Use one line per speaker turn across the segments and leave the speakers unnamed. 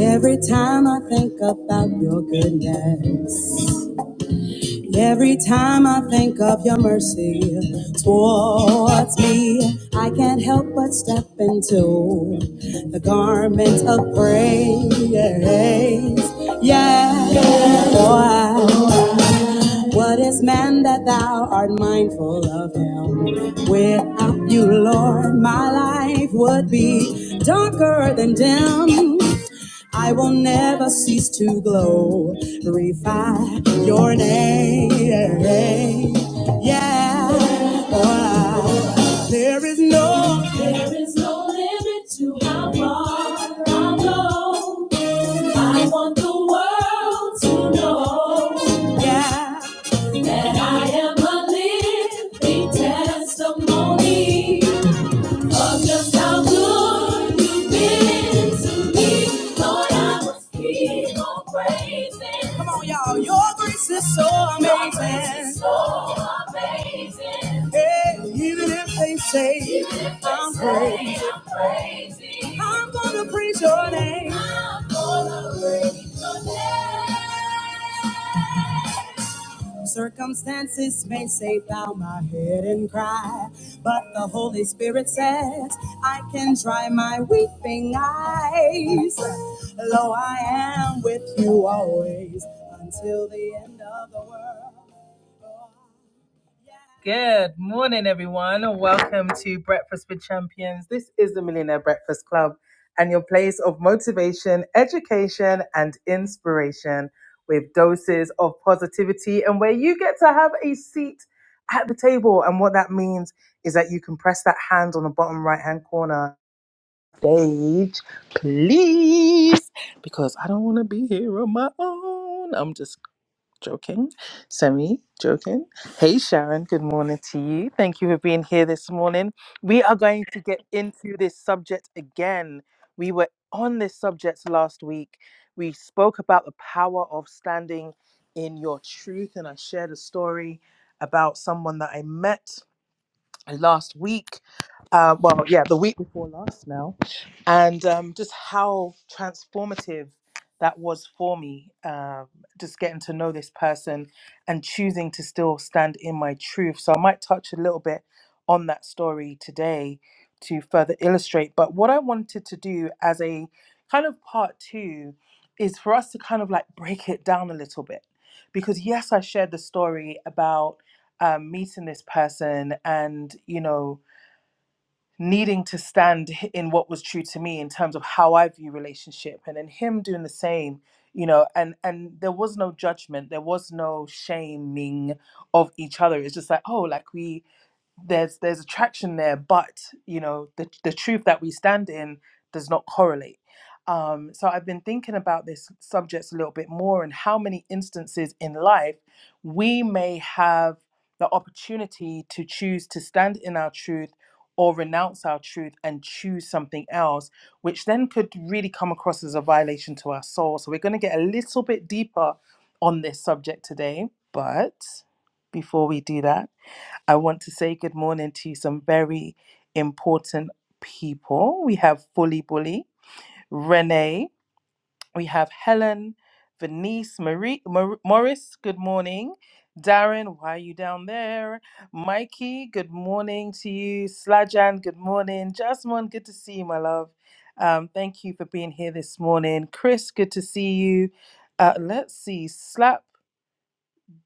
Every time I think about your goodness, every time I think of your mercy towards me, I can't help but step into the garment of praise. Yeah, boy. What is man that thou art mindful of him? Without you, Lord, my life would be darker than dim. I will never cease to glorify your name. Yeah, for there is no there is no limit to how far I go. I want the world to know. Yeah, that I am a living testimony. Come on, y'all. Your grace is so amazing. so amazing. Hey, even if they say I'm crazy, I'm gonna praise your name. Circumstances may say, Bow my head and cry, but the Holy Spirit says, I can dry my weeping eyes. Lo, I am with you always until the end of the world. Good morning, everyone, and welcome to Breakfast with Champions. This is the Millionaire Breakfast Club and your place of motivation, education, and inspiration with doses of positivity and where you get to have a seat at the table. And what that means is that you can press that hand on the bottom right hand corner. Stage, please, because I don't want to be here on my own. I'm just Joking. Semi, joking. Hey, Sharon, good morning to you. Thank you for being here this morning. We are going to get into this subject again. We were on this subject last week. We spoke about the power of standing in your truth, and I shared a story about someone that I met last week. Uh, well, yeah, the week before last now, and um, just how transformative that was for me. Um, just getting to know this person and choosing to still stand in my truth. So I might touch a little bit on that story today to further illustrate. But what I wanted to do as a kind of part two is for us to kind of like break it down a little bit. Because yes, I shared the story about um, meeting this person and you know needing to stand h- in what was true to me in terms of how i view relationship and then him doing the same you know and and there was no judgment there was no shaming of each other it's just like oh like we there's there's attraction there but you know the, the truth that we stand in does not correlate um, so i've been thinking about this subject a little bit more and how many instances in life we may have the opportunity to choose to stand in our truth or renounce our truth and choose something else which then could really come across as a violation to our soul so we're going to get a little bit deeper on this subject today but before we do that I want to say good morning to some very important people. We have Fully Bully, Renee, we have Helen, Venice, Marie, Mor- Morris, good morning. Darren, why are you down there? Mikey, good morning to you. Slajan, good morning. Jasmine, good to see you, my love. Um, thank you for being here this morning. Chris, good to see you. Uh, let's see. Slap.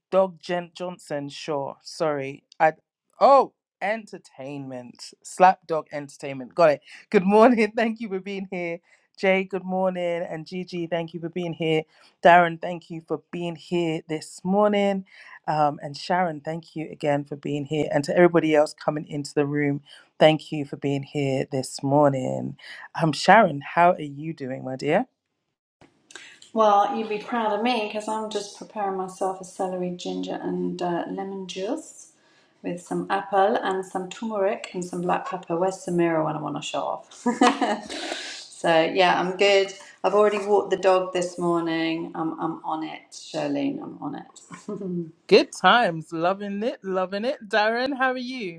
Dog Gent Johnson, sure. Sorry. I oh entertainment. Slapdog entertainment. Got it. Good morning. Thank you for being here. Jay, good morning. And Gigi, thank you for being here. Darren, thank you for being here this morning. Um, and Sharon, thank you again for being here. And to everybody else coming into the room, thank you for being here this morning. Um, Sharon, how are you doing, my dear?
Well, you'd be proud of me because I'm just preparing myself a celery, ginger, and uh, lemon juice with some apple and some turmeric and some black pepper. Where's Samira when I want to show off? so, yeah, I'm good. I've already walked the dog this morning. I'm, I'm on it, Charlene. I'm on it.
Good times. Loving it. Loving it. Darren, how are you?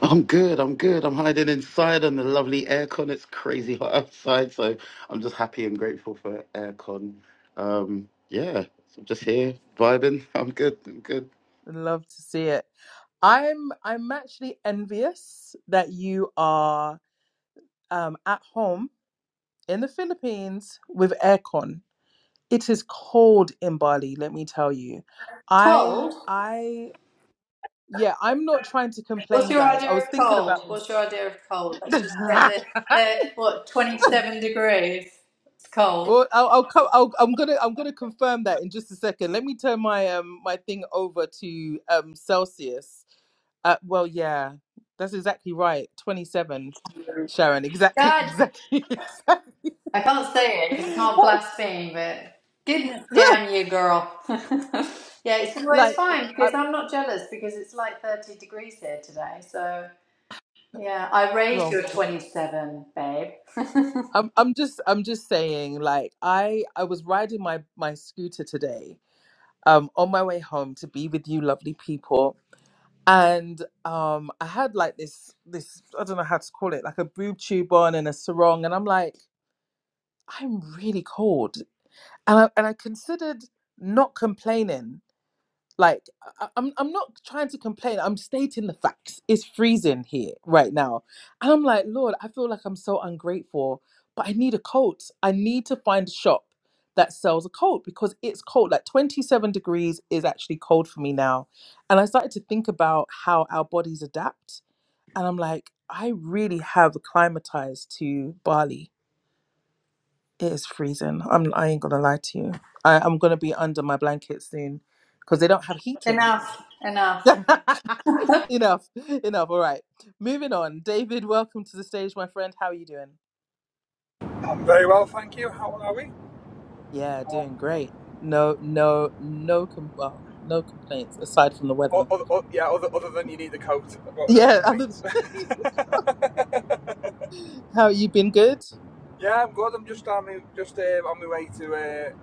I'm good. I'm good. I'm hiding inside on the lovely aircon. It's crazy hot outside, so I'm just happy and grateful for aircon. Um, yeah, so I'm just here vibing. I'm good. I'm good.
Love to see it. I'm I'm actually envious that you are um, at home in the Philippines with aircon. It is cold in Bali, let me tell you. I
Cold?
I yeah, I'm not trying to
What's
complain,
your
guys.
idea
I was
of
thinking
cold?
about
What's
this.
your idea of cold? Let's just get the, the what, 27 degrees. It's cold.
Well, I'll, I'll come. I'll, I'm gonna. I'm gonna confirm that in just a second. Let me turn my um my thing over to um Celsius Uh, well, yeah, that's exactly right. 27, Sharon. Exactly,
God
exactly, exactly.
I can't say it because I
That
can't
was-
blaspheme, but goodness damn you, girl. yeah, it's, well, it's
like,
fine
I,
because I'm not jealous because it's like 30 degrees here today. So, yeah, I raised
well,
your 27, babe.
I'm, I'm just, I'm just saying. Like, I, I was riding my my scooter today, um, on my way home to be with you, lovely people, and um, I had like this, this, I don't know how to call it, like a boob tube on and a sarong, and I'm like, I'm really cold, and I, and I considered not complaining Like I, I- am I'm not trying to complain. I'm stating the facts. It's freezing here right now, and I'm like, Lord, I feel like I'm so ungrateful. But I need a coat. I need to find a shop that sells a coat because it's cold. Like 27 degrees is actually cold for me now, and I started to think about how our bodies adapt, and I'm like, I really have acclimatized to Bali. It is freezing. I'm. I ain't gonna lie to you. I, I'm gonna be under my blanket soon because they don't have heating.
enough, enough.
enough, enough. All right, moving on. David, welcome to the stage, my friend. How are you doing?
I'm very well, thank you. How are we?
Yeah, doing great. No, no, no. Com- well, no complaints aside from the
O-
weather.
o- o- yeah, other, other than you need a coat, I've got no
Yeah, other-
complaints.
how you been? Good.
yeah, I'm good. I'm just on my, just um, on my way to uh,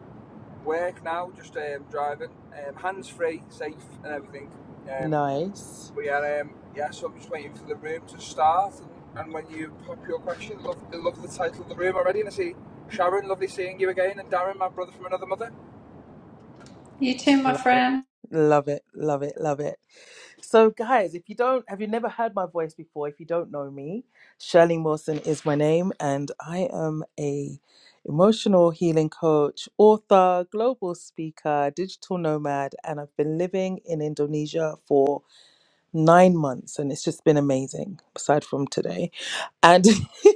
work now. Just um, driving, um, hands free, safe, and everything. Um,
Nice.
but yeah, um, yeah. So I'm just waiting for the room to start. And, and when you pop your question, I love, I love the title of the room already. And I see Sharon, lovely seeing you again, and Darren, my brother from another mother.
You too, my
Love it.
friend.
Love it. Love it. Love it. So, guys, if you don't, have you never heard my voice before? If you don't know me, Shirley Wilson is my name, and I am a emotional healing coach, author, global speaker, digital nomad, and I've been living in Indonesia for nine months, and it's just been amazing. Aside from today, and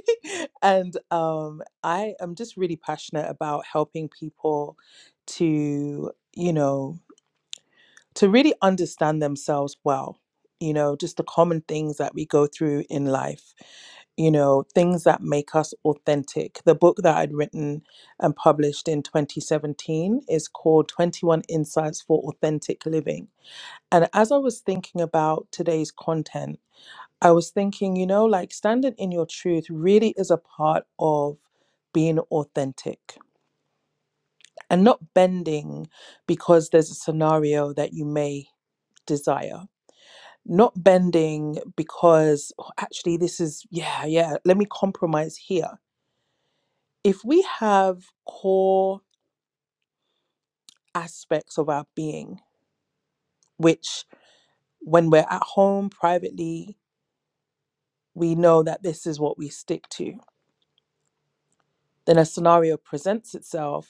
and um, I am just really passionate about helping people to you know to really understand themselves well you know just the common things that we go through in life you know things that make us authentic the book that i'd written and published in 2017 is called 21 insights for authentic living and as i was thinking about today's content i was thinking you know like standing in your truth really is a part of being authentic and not bending because there's a scenario that you may desire not bending because "Oh, actually this is yeah yeah let me compromise here if we have core aspects of our being which when we're at home privately we know that this is what we stick to then a scenario presents itself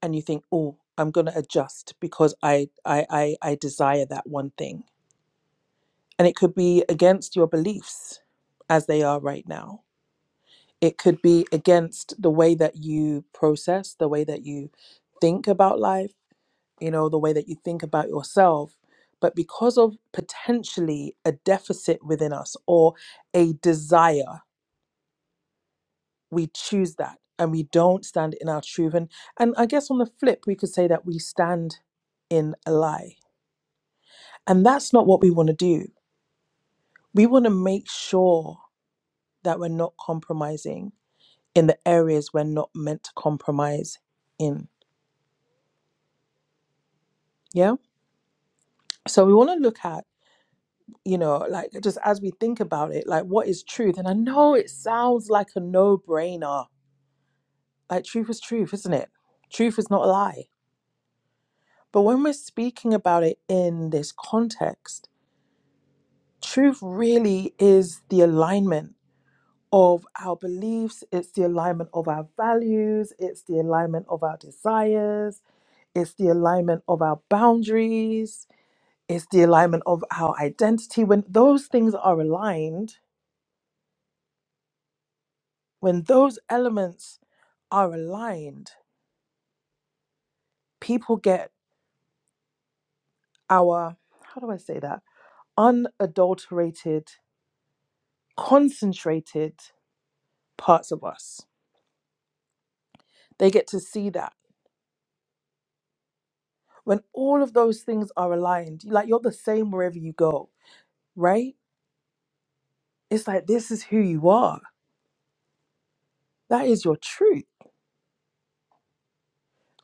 and you think oh i'm going to adjust because I, I i i desire that one thing and it could be against your beliefs as they are right now it could be against the way that you process the way that you think about life you know the way that you think about yourself but because of potentially a deficit within us or a desire we choose that and we don't stand in our truth and and i guess on the flip we could say that we stand in a lie and that's not what we want to do we want to make sure that we're not compromising in the areas we're not meant to compromise in yeah so we want to look at you know like just as we think about it like what is truth and i know it sounds like a no-brainer like truth is truth isn't it truth is not a lie but when we're speaking about it in this context truth really is the alignment of our beliefs it's the alignment of our values it's the alignment of our desires it's the alignment of our boundaries it's the alignment of our identity when those things are aligned When those elements are aligned, people get our, how do I say that? unadulterated, concentrated parts of us. They get to see that. When all of those things are aligned, like you're the same wherever you go, right? It's like this is who you are. That is your truth.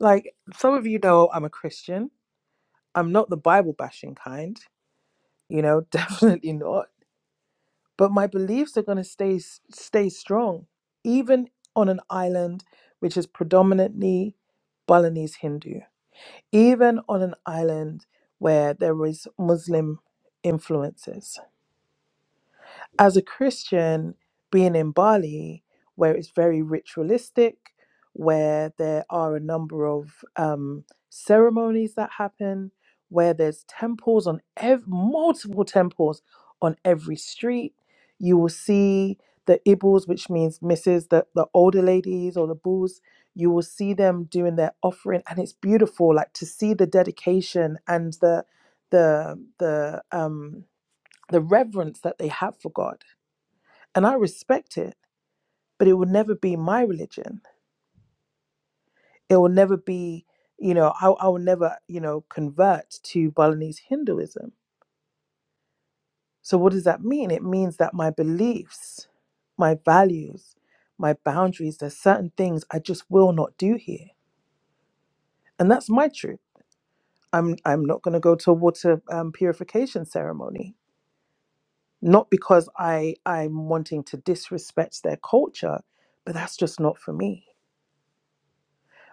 Like some of you know I'm a Christian. I'm not the Bible bashing kind, you know, definitely not. but my beliefs are going to stay stay strong even on an island which is predominantly Balinese Hindu even on an island where there is Muslim influences as a Christian, being in Bali, where it's very ritualistic, where there are a number of um, ceremonies that happen, where there's temples on ev- multiple temples on every street, you will see the ibus, which means misses, the, the older ladies or the bulls. You will see them doing their offering, and it's beautiful. Like to see the dedication and the the the um the reverence that they have for God and I respect it, but it will never be my religion. It will never be, you know, I, I will never, you know, convert to Balinese Hinduism. So what does that mean? It means that my beliefs, my values, my boundaries, there's certain things I just will not do here, and that's my truth. I'm I'm not going to go to a water um, purification ceremony, not because I I'm wanting to disrespect their culture, but that's just not for me.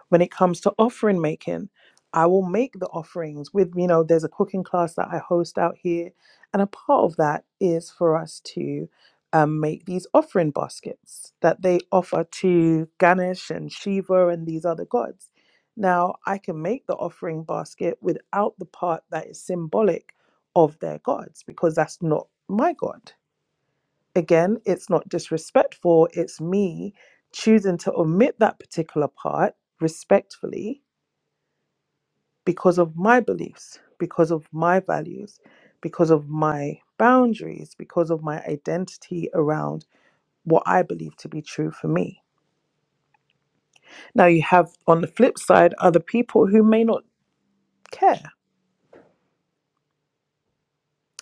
when it comes to offering making i will make the offerings with you know there's a cooking class that i host out here and a part of that is for us to um, make these offering baskets that they offer to ganesh and shiva and these other gods now i can make the offering basket without the part that is symbolic of their gods because that's not my god again, it's not disrespectful. It's me choosing to omit that particular part respectfully because of my beliefs, because of my values, because of my boundaries, because of my identity around what I believe to be true for me. Now, you have on the flip side other people who may not care,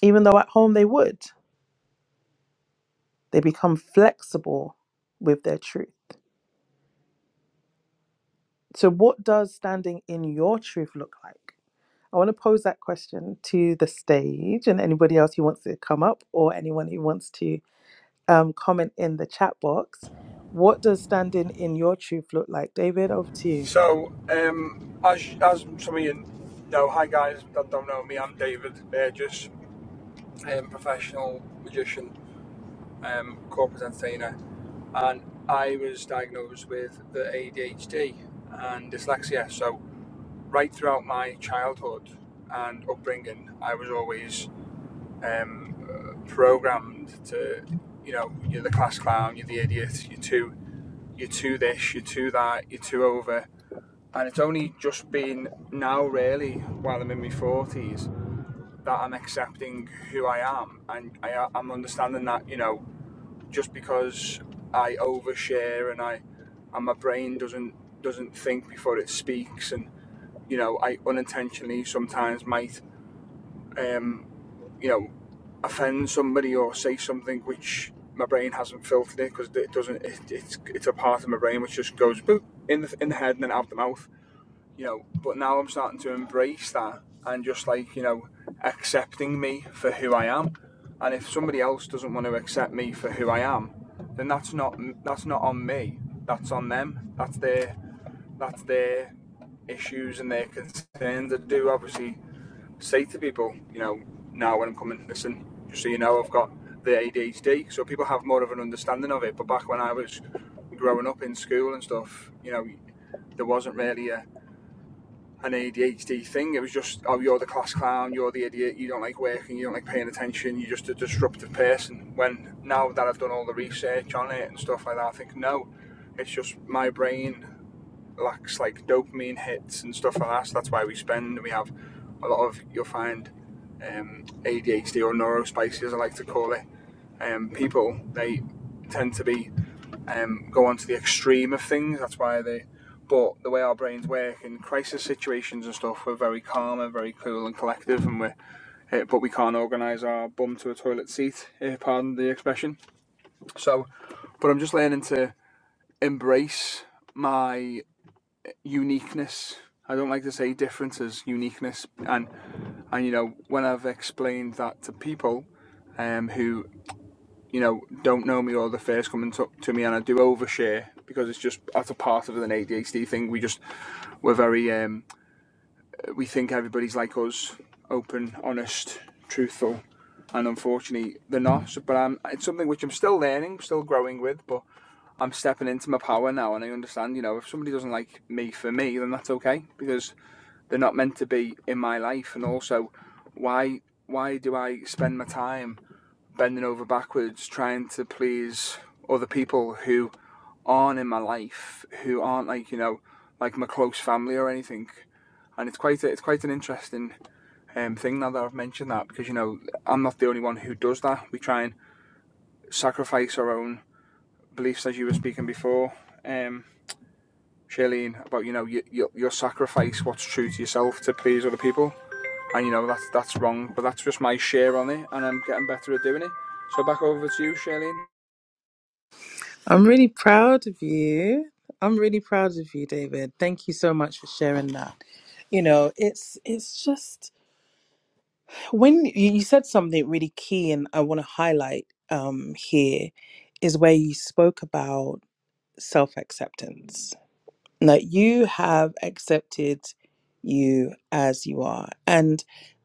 even though at home they would. They become flexible with their truth. So, what does standing in your truth look like? I want to pose that question to the stage and anybody else who wants to come up or anyone who wants to um, comment in the chat box. What does standing in your truth look like? David, over to you.
So, um, as as some of you know, hi guys that don't know me, I'm David Burgess, um, professional magician, um, corporate entertainer, and I was diagnosed with the ADHD and dyslexia. So, right throughout my childhood and upbringing, I was always um, uh, programmed to, you know, you're the class clown, you're the idiot, you're too, you're too this, you're too that, you're too over. And it's only just been now, really, while I'm in my 40s, that I'm accepting who I am. And I, I'm understanding that, you know, just because I overshare and I and my brain doesn't doesn't think before it speaks and you know I unintentionally sometimes might um you know offend somebody or say something which my brain hasn't filtered it because it doesn't it, it's it's a part of my brain which just goes boop in the in the head and then out the mouth you know, but now I'm starting to embrace that and just like, you know, accepting me for who I am. And if somebody else doesn't want to accept me for who I am, then that's not that's not on me. That's on them. That's their that's their issues and their concerns. I do obviously say to people, you know, now when I'm coming, listen, just so you know, I've got the ADHD. So people have more of an understanding of it. But back when I was growing up in school and stuff, you know, there wasn't really a an ADHD thing. It was just, oh, you're the class clown, you're the idiot, you don't like working, you don't like paying attention, you're just a disruptive person. When now that I've done all the research on it and stuff like that, I think, no, it's just my brain lacks like dopamine hits and stuff like that. So that's why we spend, and we have a lot of, you'll find um, ADHD or neurospicy, as I like to call it. Um, people, they tend to be um, go on to the extreme of things. That's why they. But the way our brains work in crisis situations and stuff, we're very calm and very cool and collective, and we uh, but we can't organise our bum to a toilet seat. Uh, pardon the expression. So, but I'm just learning to embrace my uniqueness. I don't like to say differences, uniqueness, and and you know when I've explained that to people, um, who you know, don't know me or the first coming to, to me, and I do overshare because it's just that's a part of an ADHD thing. We just we're very um, we think everybody's like us, open, honest, truthful, and unfortunately they're not. So, but I'm, it's something which I'm still learning, still growing with, but I'm stepping into my power now, and I understand. You know, if somebody doesn't like me for me, then that's okay because they're not meant to be in my life, and also why why do I spend my time bending over backwards trying to please other people who aren't in my life, who aren't like you know like my close family or anything. And it's quite a, it's quite an interesting um, thing now that I've mentioned that because you know I'm not the only one who does that. We try and sacrifice our own beliefs, as you were speaking before, um, Shailene, about you know you, you you'll sacrifice what's true to yourself to please other people, and you know that's that's wrong. But that's just my share on it, and I'm getting better at doing it. So back over to you, Shailene.
I'm really proud of you. I'm really proud of you, David. Thank you so much for sharing that. You know, it's it's just when you you said something really key and I want to highlight um here is where you spoke about self-acceptance that you have accepted you as you are. And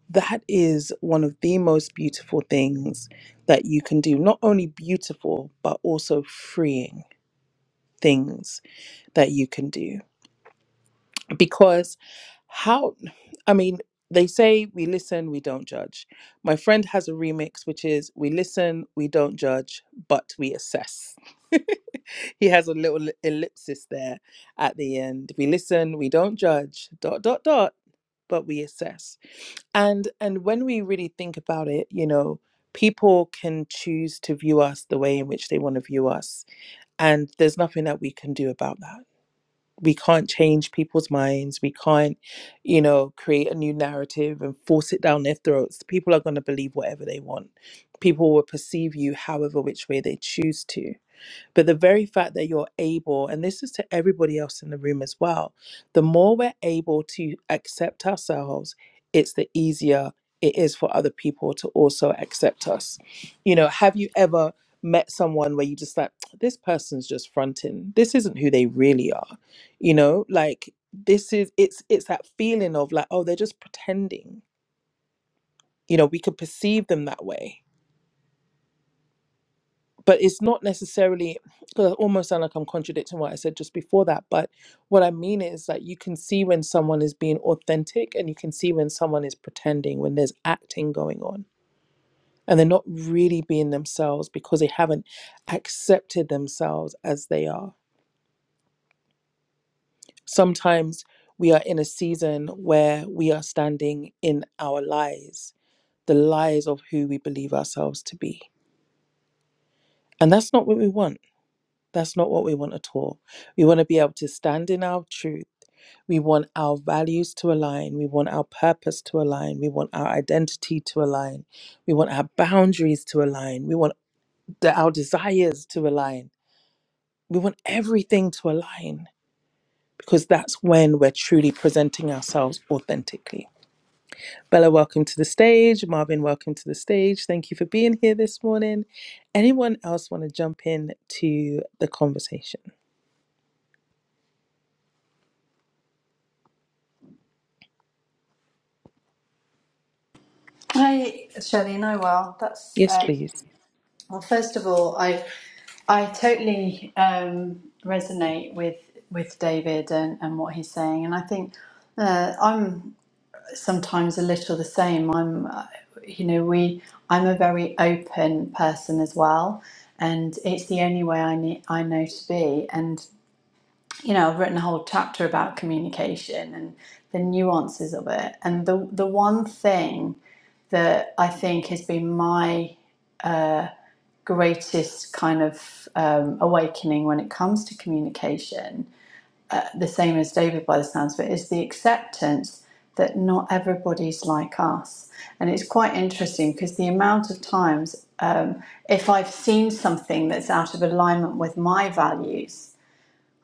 that is one of the most beautiful things that you can do. Not only beautiful, but also freeing things that you can do. Because how, I mean, they say we listen, we don't judge. My friend has a remix, which is we listen, we don't judge, but we assess. he has a little ellipsis there at the end. We listen, we don't judge, dot, dot, dot, but we assess. And and when we really think about it, you know, people can choose to view us the way in which they want to view us. And there's nothing that we can do about that. We can't change people's minds. We can't, you know, create a new narrative and force it down their throats. People are going to believe whatever they want. People will perceive you however which way they choose to. But the very fact that you're able, and this is to everybody else in the room as well, the more we're able to accept ourselves, it's the easier it is for other people to also accept us. You know, have you ever met someone where you just like, this person's just fronting? This isn't who they really are. You know, like this is it's it's that feeling of like, oh, they're just pretending. You know, we could perceive them that way but it's not necessarily because I almost sound like I'm contradicting what I said just before that. But what I mean is that you can see when someone is being authentic and you can see when someone is pretending, when there's acting going on, and they're not really being themselves because they haven't accepted themselves as they are. Sometimes we are in a season where we are standing in our lies, the lies of who we believe ourselves to be. And that's not what we want That's not what we want at all. We want to be able to stand in our truth. We want our values to align. We want our purpose to align. We want our identity to align. We want our boundaries to align. We want the, our desires to align. We want everything to align because that's when we're truly presenting ourselves authentically. Bella, welcome to the stage. Marvin, welcome to the stage. Thank you for being here this morning. Anyone else want to jump in to the conversation?
Hi, Shelley No, well, That's,
Yes,
um,
please.
well, first of all, I I totally um, resonate with with David and, and what he's saying, and I think uh, I'm sometimes a little the same. I'm, uh, you know, we. I'm a very open person as well, and it's the only way I need, I know to be. And you know, I've written a whole chapter about communication and the nuances of it. And the the one thing that I think has been my greatest kind of um, awakening when it comes to communication the same as David by the sounds of it, is the acceptance that not everybody's like us. And it's quite interesting because the amount of times um, if I've seen something that's out of alignment with my values,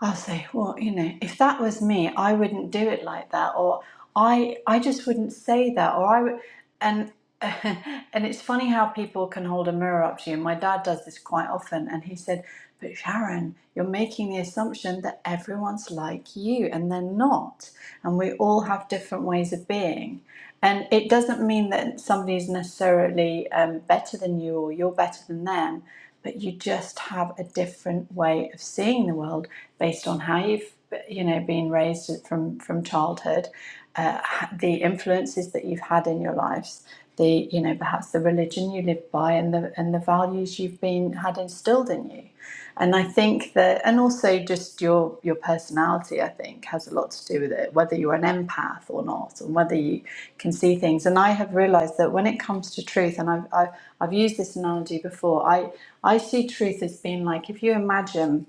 I'll say, well, you know, if that was me, I wouldn't do it like that, or I, I just wouldn't say that, or I would, and and it's funny how people can hold a mirror up to you. My dad does this quite often, and he said, but Sharon, you're making the assumption that everyone's like you, and they're not, and we all have different ways of being. And it doesn't mean that somebody's necessarily um, better than you or you're better than them, but you just have a different way of seeing the world based on how you've you know been raised from from childhood, uh, the influences that you've had in your lives, the you know perhaps the religion you live by and the and the values you've been had instilled in you. And I think that, and also just your your personality, I think, has a lot to do with it, whether you're an empath or not, and whether you can see things. And I have realised that when it comes to truth, and I've, I've I've used this analogy before, I I see truth as being like if you imagine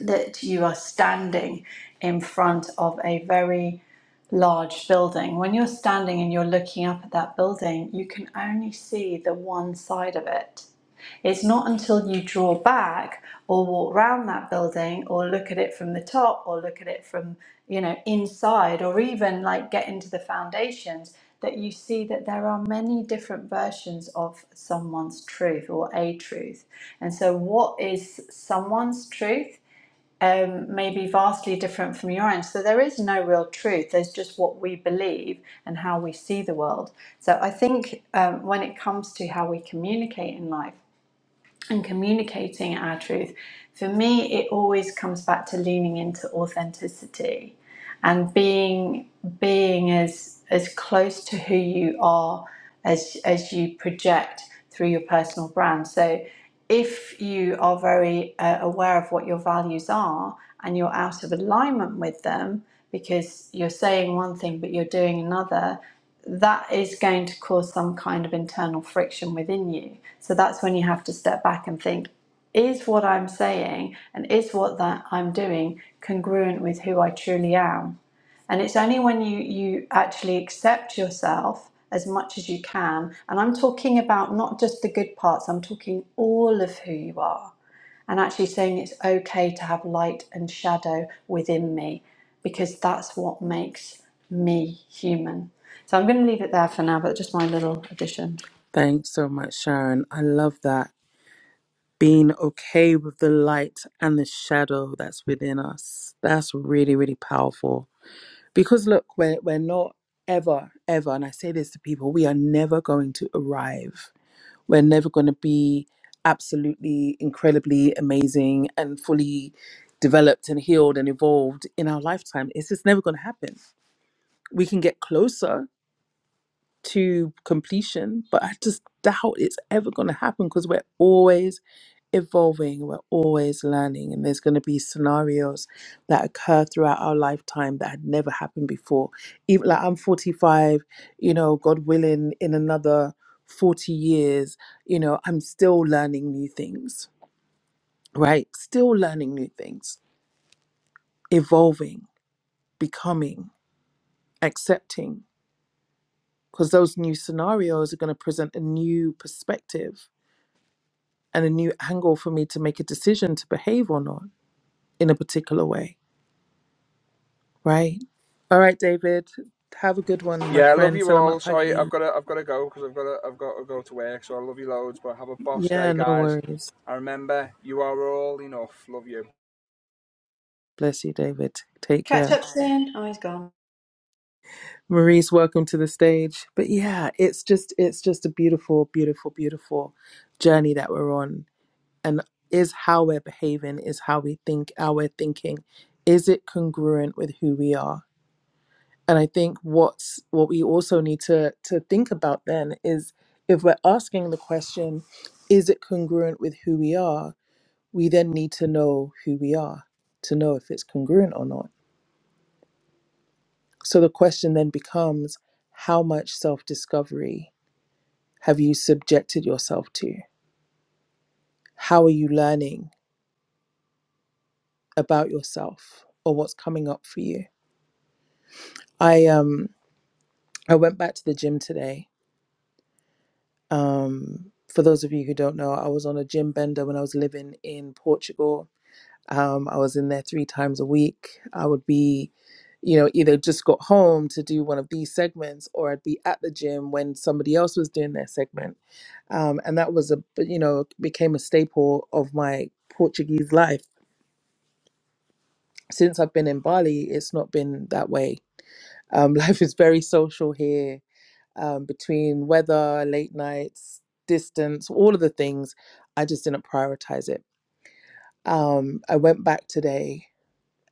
that you are standing in front of a very large building. When you're standing and you're looking up at that building, you can only see the one side of it it's not until you draw back or walk round that building or look at it from the top or look at it from, you know, inside or even like get into the foundations that you see that there are many different versions of someone's truth or a truth. And so, what is someone's truth? Um, may be vastly different from your own. So there is no real truth. There's just what we believe and how we see the world. So I think um, when it comes to how we communicate in life, and communicating our truth, for me, it always comes back to leaning into authenticity and being being as as close to who you are as as you project through your personal brand. So, if you are very uh, aware of what your values are and you're out of alignment with them because you're saying one thing but you're doing another, that is going to cause some kind of internal friction within you. So that's when you have to step back and think is what I'm saying and is what that I'm doing congruent with who I truly am? And it's only when you, you actually accept yourself as much as you can. And I'm talking about not just the good parts, I'm talking all of who you are and actually saying it's okay to have light and shadow within me because that's what makes me human. So I'm going to leave it there for now, but just my little addition.
Thanks so much, Sharon. I love that. Being okay with the light and the shadow that's within us. That's really, really powerful. Because look, we're, we're not ever, ever, and I say this to people, we are never going to arrive. We're never going to be absolutely incredibly amazing and fully developed and healed and evolved in our lifetime. It's just never going to happen. We can get closer, to completion, but I just doubt it's ever going to happen because we're always evolving, we're always learning, and there's going to be scenarios that occur throughout our lifetime that had never happened before. Even like I'm 45, you know, God willing, in another 40 years, you know, I'm still learning new things, right? Still learning new things, evolving, becoming, accepting. Because those new scenarios are going to present a new perspective and a new angle for me to make a decision to behave or not in a particular way, right? All right, David, have a good one, my
Yeah, I love
friend.
you
Salamat
all. Sorry, I've
pagi.
got to, I've got to go because I've got to, I've got to go to work. So I love you loads, but have a boss day,
Yeah, no
guys.
worries.
And remember, you are all enough. Love you.
Bless you, David. Take
Catch
care.
up soon. Oh, he's gone.
Maurice, welcome to the stage. But yeah, it's just it's just a beautiful, beautiful, beautiful journey that we're on. And is how we're behaving, is how we think, how we're thinking. Is it congruent with who we are? And I think what's what we also need to to think about then is if we're asking the question, is it congruent with who we are? We then need to know who we are to know if it's congruent or not. So the question then becomes, how much self-discovery have you subjected yourself to? How are you learning about yourself or what's coming up for you? I um I went back to the gym today Um, for those of you who don't know, I was on a gym bender when I was living in Portugal. Um, I was in there three times a week. I would be, you know, either just got home to do one of these segments or I'd be at the gym when somebody else was doing their segment. Um, and that was a, you know, became a staple of my Portuguese life. Since I've been in Bali, it's not been that way. Um, life is very social here um, between weather, late nights, distance, all of the things, I just didn't prioritize it. Um, I went back today,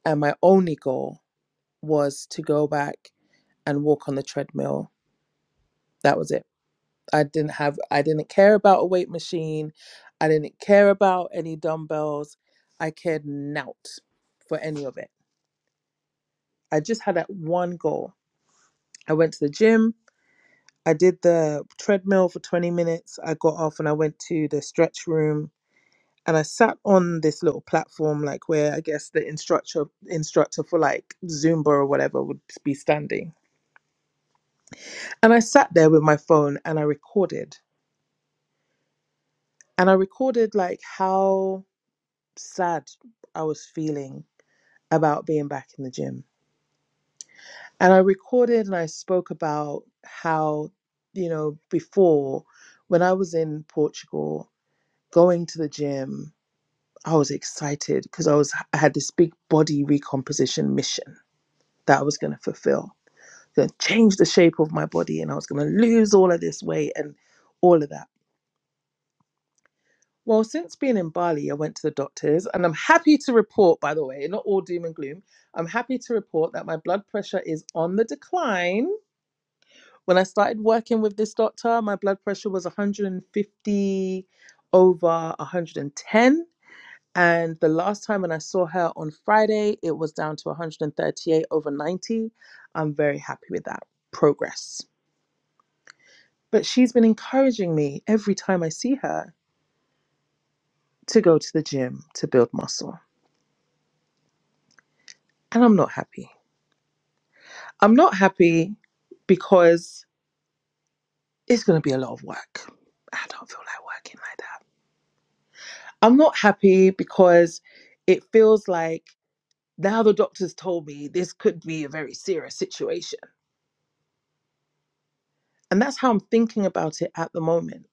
and my only goal was to go back and walk on the treadmill. That was it. I didn't have, I didn't care about a weight machine. I didn't care about any dumbbells. I cared not for any of it. I just had that one goal. I went to the gym. I did the treadmill for 20 minutes. I got off and I went to the stretch room and I sat on this little platform, like where I guess the instructor instructor for like Zumba or whatever would be standing. And I sat there with my phone and I recorded. And I recorded like how sad I was feeling about being back in the gym. And I recorded and I spoke about how, you know, before when I was in Portugal, going to the gym, I was excited because I was I had this big body recomposition mission that I was going to fulfill. going to change the shape of my body and I was going to lose all of this weight and all of that. Well, since being in Bali, I went to the doctors and I'm happy to report, by the way, not all doom and gloom, I'm happy to report that my blood pressure is on the decline. When I started working with this doctor, my blood pressure was 150 over 110. And the last time when I saw her on Friday, it was down to 138 over 90. I'm very happy with that progress. But she's been encouraging me every time I see her to go to the gym to build muscle. And I'm not happy. I'm not happy because it's going to be a lot of work. I don't feel like working like that. I'm not happy because it feels like now the doctors told me this could be a very serious situation. And that's how I'm thinking about it at the moment.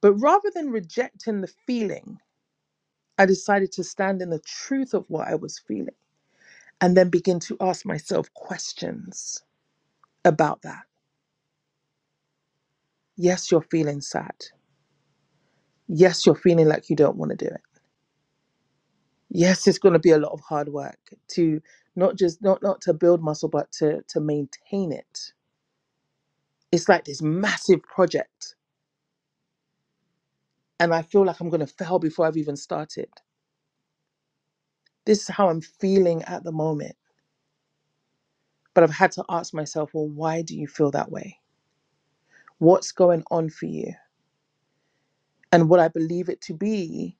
But rather than rejecting the feeling, I decided to stand in the truth of what I was feeling. and then begin to ask myself questions about that. Yes, you're feeling sad. Yes, you're feeling like you don't want to do it. Yes, it's going to be a lot of hard work to not just not not to build muscle but to to maintain it. It's like this massive project and I feel like I'm going to fail before I've even started. This is how I'm feeling at the moment, but I've had to ask myself, well, why do you feel that way? What's going on for you? And what I believe it to be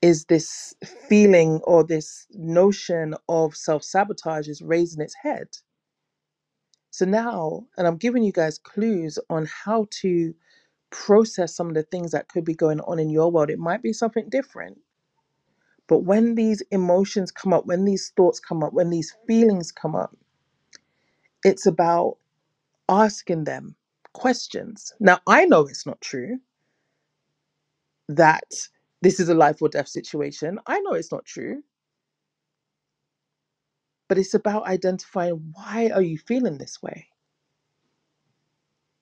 is this feeling or this notion of self sabotage is raising its head. So now, and I'm giving you guys clues on how to process some of the things that could be going on in your world. It might be something different, but when these emotions come up, when these thoughts come up, when these feelings come up, it's about asking them questions. Now, I know it's not true that this is a life or death situation. I know it's not true but it's about identifying why are you feeling this way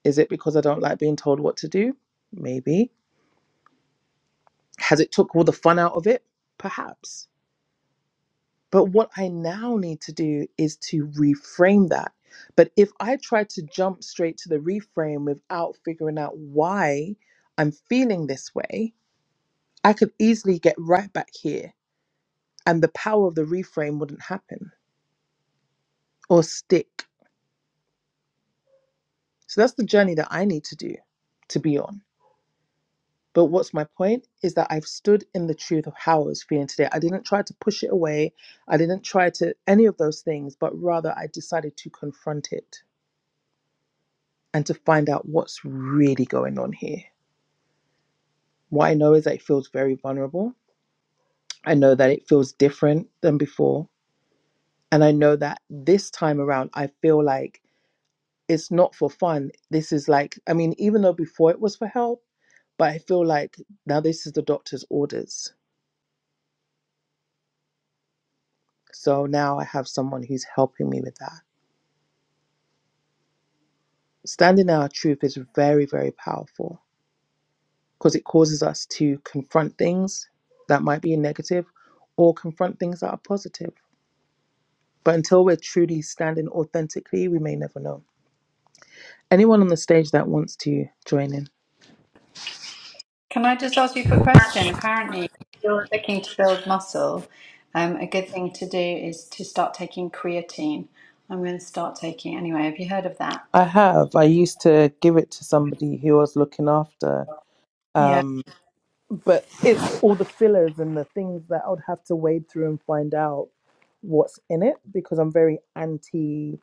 is it because i don't like being told what to do maybe has it took all the fun out of it perhaps but what i now need to do is to reframe that but if i try to jump straight to the reframe without figuring out why i'm feeling this way i could easily get right back here and the power of the reframe wouldn't happen or stick so that's the journey that i need to do to be on But what's my point is that I've stood in the truth of how I was feeling today. I didn't try to push it away. I didn't try to any of those things, but rather I decided to confront it and to find out what's really going on here. What I know is that it feels very vulnerable. I know that it feels different than before. And I know that this time around, I feel like it's not for fun. This is like, I mean, even though before it was for help, but I feel like now this is the doctor's orders. So now I have someone who's helping me with that. Standing in our truth is very, very powerful because it causes us to confront things that might be negative or confront things that are positive. But until we're truly standing authentically, we may never know. Anyone on the stage that wants to join in?
Can I just ask you a quick question? Apparently, if you're looking to build muscle, um, a good thing to do is to start taking creatine. I'm going to start taking anyway. Have you heard of that?
I have. I used to give it to somebody who I was looking after.
Yeah,
Um, but it's all the fillers and the things that I would have to wade through and find out what's in it because I'm very anti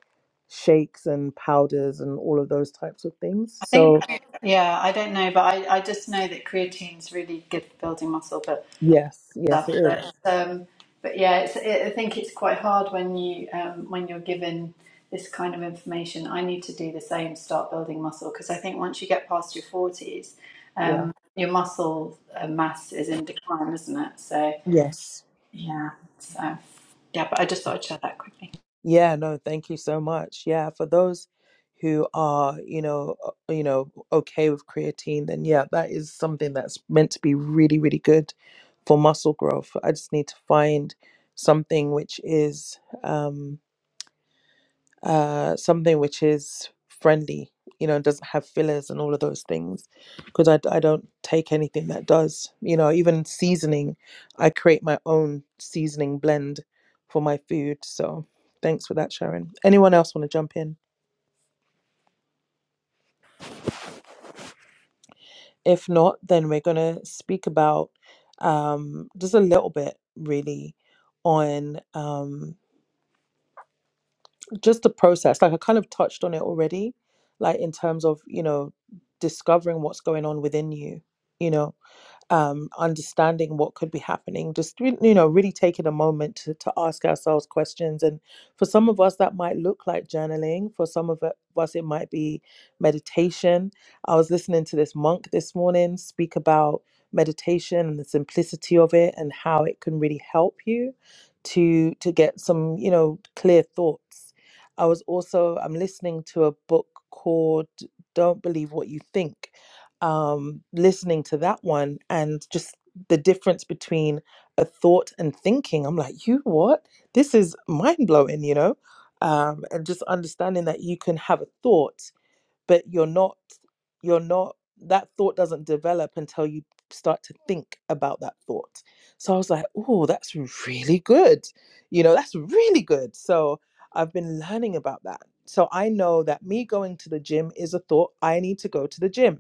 shakes and powders and all of those types of things.
I think,
So,
yeah, I don't know, but I, I just know that creatine's really good for building muscle, but
yes, yes,
stuff.
it
But
is.
um, but yeah, it's, it, I think it's quite hard when you um, when you're given this kind of information. I need to do the same, start building muscle, because I think once you get past your forties,
Yeah.
um, your muscle uh, mass is in decline, isn't it? So
Yes.
yeah, so yeah. But I just thought I'd share that quickly.
Yeah, no, thank you so much. Yeah, for those who are, you know, uh, you know, okay with creatine, then yeah, that is something that's meant to be really, really good for muscle growth. I just need to find something which is um uh, something which is friendly, you know, and doesn't have fillers and all of those things. Because I I d- I don't take anything that does, you know, even seasoning, I create my own seasoning blend for my food. So thanks for that, Sharon. Anyone else want to jump in? If not, then we're going to speak about um, just a little bit really on. Um, just the process like i kind of touched on it already like in terms of you know discovering what's going on within you you know um, understanding what could be happening, just re- you know, really taking a moment to, to ask ourselves questions. And for some of us, that might look like journaling. For some of us, it might be meditation. I was listening to this monk this morning speak about meditation and the simplicity of it and how it can really help you to to get some you know clear thoughts. I was also I'm listening to a book called Don't Believe What You Think um, listening to that one and just the difference between a thought and thinking. I'm like, you what? This is mind blowing, you know? Um, and just understanding that you can have a thought, but you're not, you're not, that thought doesn't develop until you start to think about that thought. So I was like, oh, that's really good. You know, that's really good. So I've been learning about that. So I know that me going to the gym is a thought. I need to go to the gym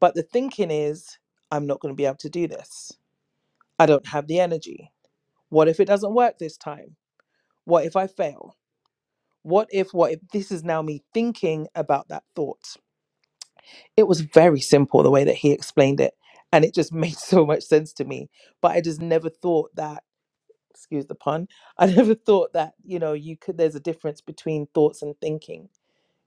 but the thinking is, I'm not going to be able to do this. I don't have the energy. What if it doesn't work this time? What if I fail? What if, what if? This is now me thinking about that thought. It was very simple the way that he explained it. And it just made so much sense to me. But I just never thought that, excuse the pun, I never thought that, you know, you could, there's a difference between thoughts and thinking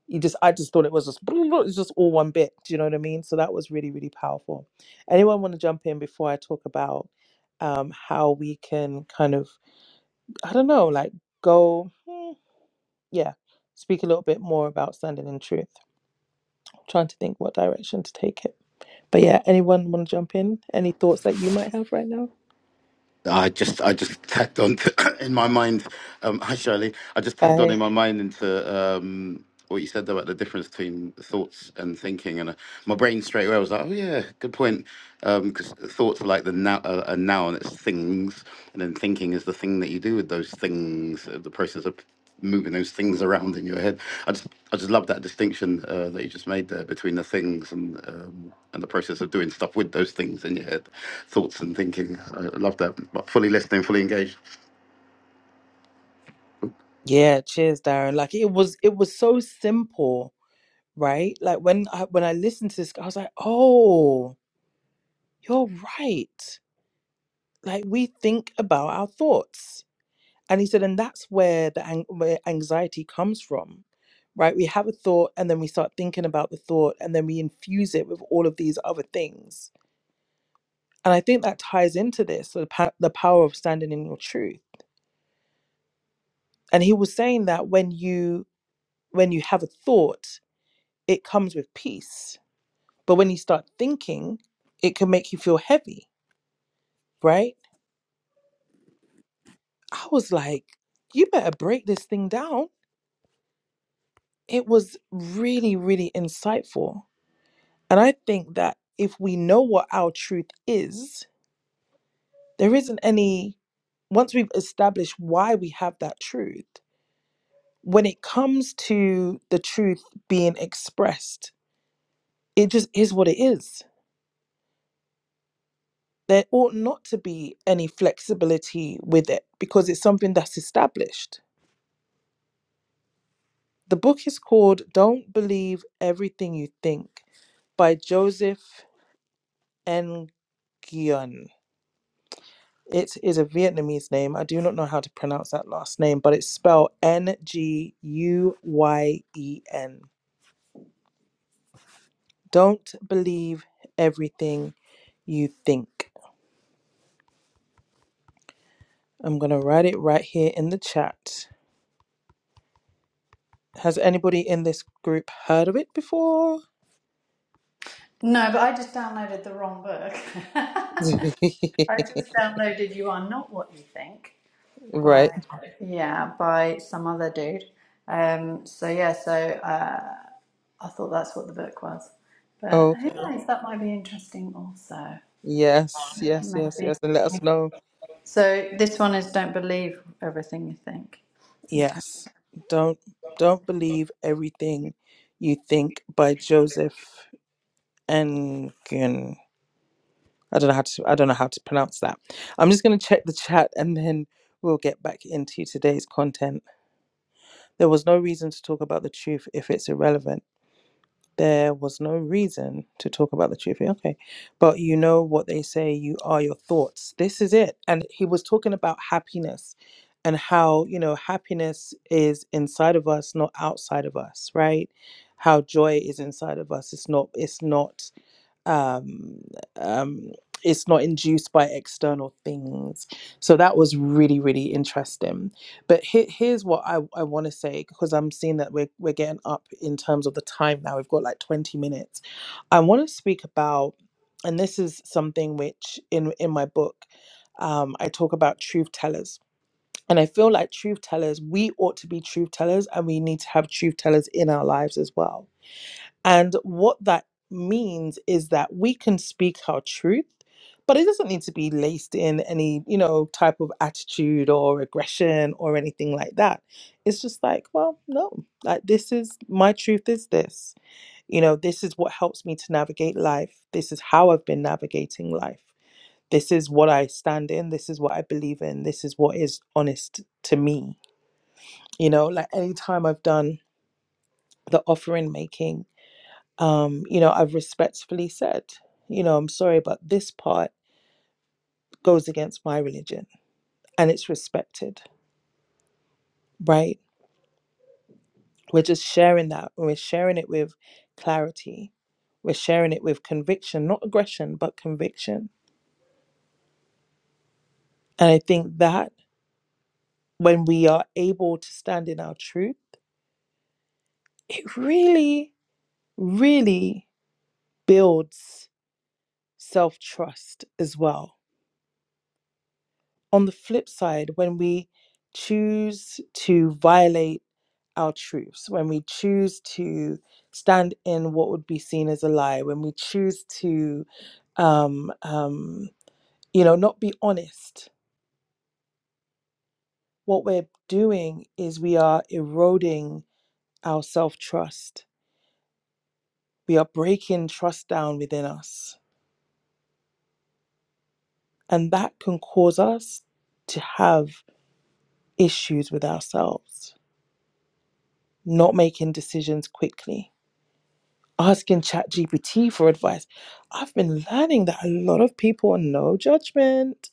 you just I just thought it was just it's just all one bit. Do you know what I mean? So that was really really powerful. Anyone want to jump in before I talk about um, how we can kind of I don't know like go hmm, yeah speak a little bit more about standing in truth. I'm trying to think what direction to take it. But yeah, anyone want to jump in? Any thoughts that you might have right now?
I just I just tagged on to, in my mind. Um, hi Shirley, I just tagged on
Hey.
in my mind into um, what you said about the difference between thoughts and thinking, and uh, my brain straight away was like, oh yeah, good point, because thoughts are like the now uh, a noun, it's things, and then thinking is the thing that you do with those things, uh, the process of moving those things around in your head. I just I just love that distinction uh, that you just made there between the things and um, and the process of doing stuff with those things in your head, thoughts and thinking. I I love that. But fully listening, fully engaged.
Yeah, cheers, Darren. Like it was it was so simple, right? Like when I when I listened to this, I was like, oh. You're right. Like we think about our thoughts. And he said, and that's where the ang- where anxiety comes from, right? We have a thought and then we start thinking about the thought and then we infuse it with all of these other things. And I think that ties into this, the, pa- the power of standing in your truth. And he was saying that when you when you have a thought, it comes with peace. But when you start thinking, it can make you feel heavy, right? I was like, you better break this thing down It was really, really insightful. And I think that if we know what our truth is, there isn't any, once we've established why we have that truth, when it comes to the truth being expressed, it just is what it is. There ought not to be any flexibility with it because it's something that's established. The book is called Don't Believe Everything You Think by Joseph N. Gion. It is a Vietnamese name. I do not know how to pronounce that last name, but it's spelled N G U Y E N. Don't believe everything you think. I'm going to write it right here in the chat. Has anybody in this group heard of it before?
No, but I just downloaded the wrong book. I just downloaded "You Are Not What You Think"
right.
by yeah by some other dude. Um, so yeah, so. uh, I thought that's what the book was. But who
Okay.
knows, that might be interesting also.
Yes, yes, yes,
Maybe.
yes. And let us know.
So this one is don't believe everything you think. Okay.
Yes. Don't don't believe everything you think by Joseph Engen. I don't know how to I don't know how to pronounce that. I'm just going to check the chat and then we'll get back into today's content. There was no reason to talk about the truth if it's irrelevant. There was no reason to talk about the truth. Yeah, Okay. But you know what they say, you are your thoughts. This is it. And he was talking about happiness and how, you know, happiness is inside of us, not outside of us, right? How joy is inside of us. It's not it's not um, um, it's not induced by external things. So that was really, really interesting. But he- here's what I, I want to say because I'm seeing that we're, we're getting up in terms of the time now. We've got like 20 minutes. I want to speak about, and this is something which in, in my book, um, I talk about truth tellers. And I feel like truth tellers, we ought to be truth tellers and we need to have truth tellers in our lives as well and what that means is that we can speak our truth, but it doesn't need to be laced in any, you know, type of attitude or aggression or anything like that. It's just like, well, no, like this is my truth is this. You know, this is what helps me to navigate life. This is how I've been navigating life. This is what I stand in. This is what I believe in. This is what is honest to me. You know, like anytime I've done the offering making um, you know, I've respectfully said, you know, I'm sorry, but this part goes against my religion and it's respected, right? We're just sharing that and we're sharing it with clarity. We're sharing it with conviction, not aggression, but conviction. And I think that when we are able to stand in our truth, it really, really builds self trust as well On the flip side, when we choose to violate our truths, when we choose to stand in what would be seen as a lie, when we choose to, um, um, you know, not be honest, what we're doing is we are eroding our self trust. We are breaking trust down within us. And that can cause us to have issues with ourselves, not making decisions quickly asking ChatGPT for advice. I've been learning that a lot of people on no judgment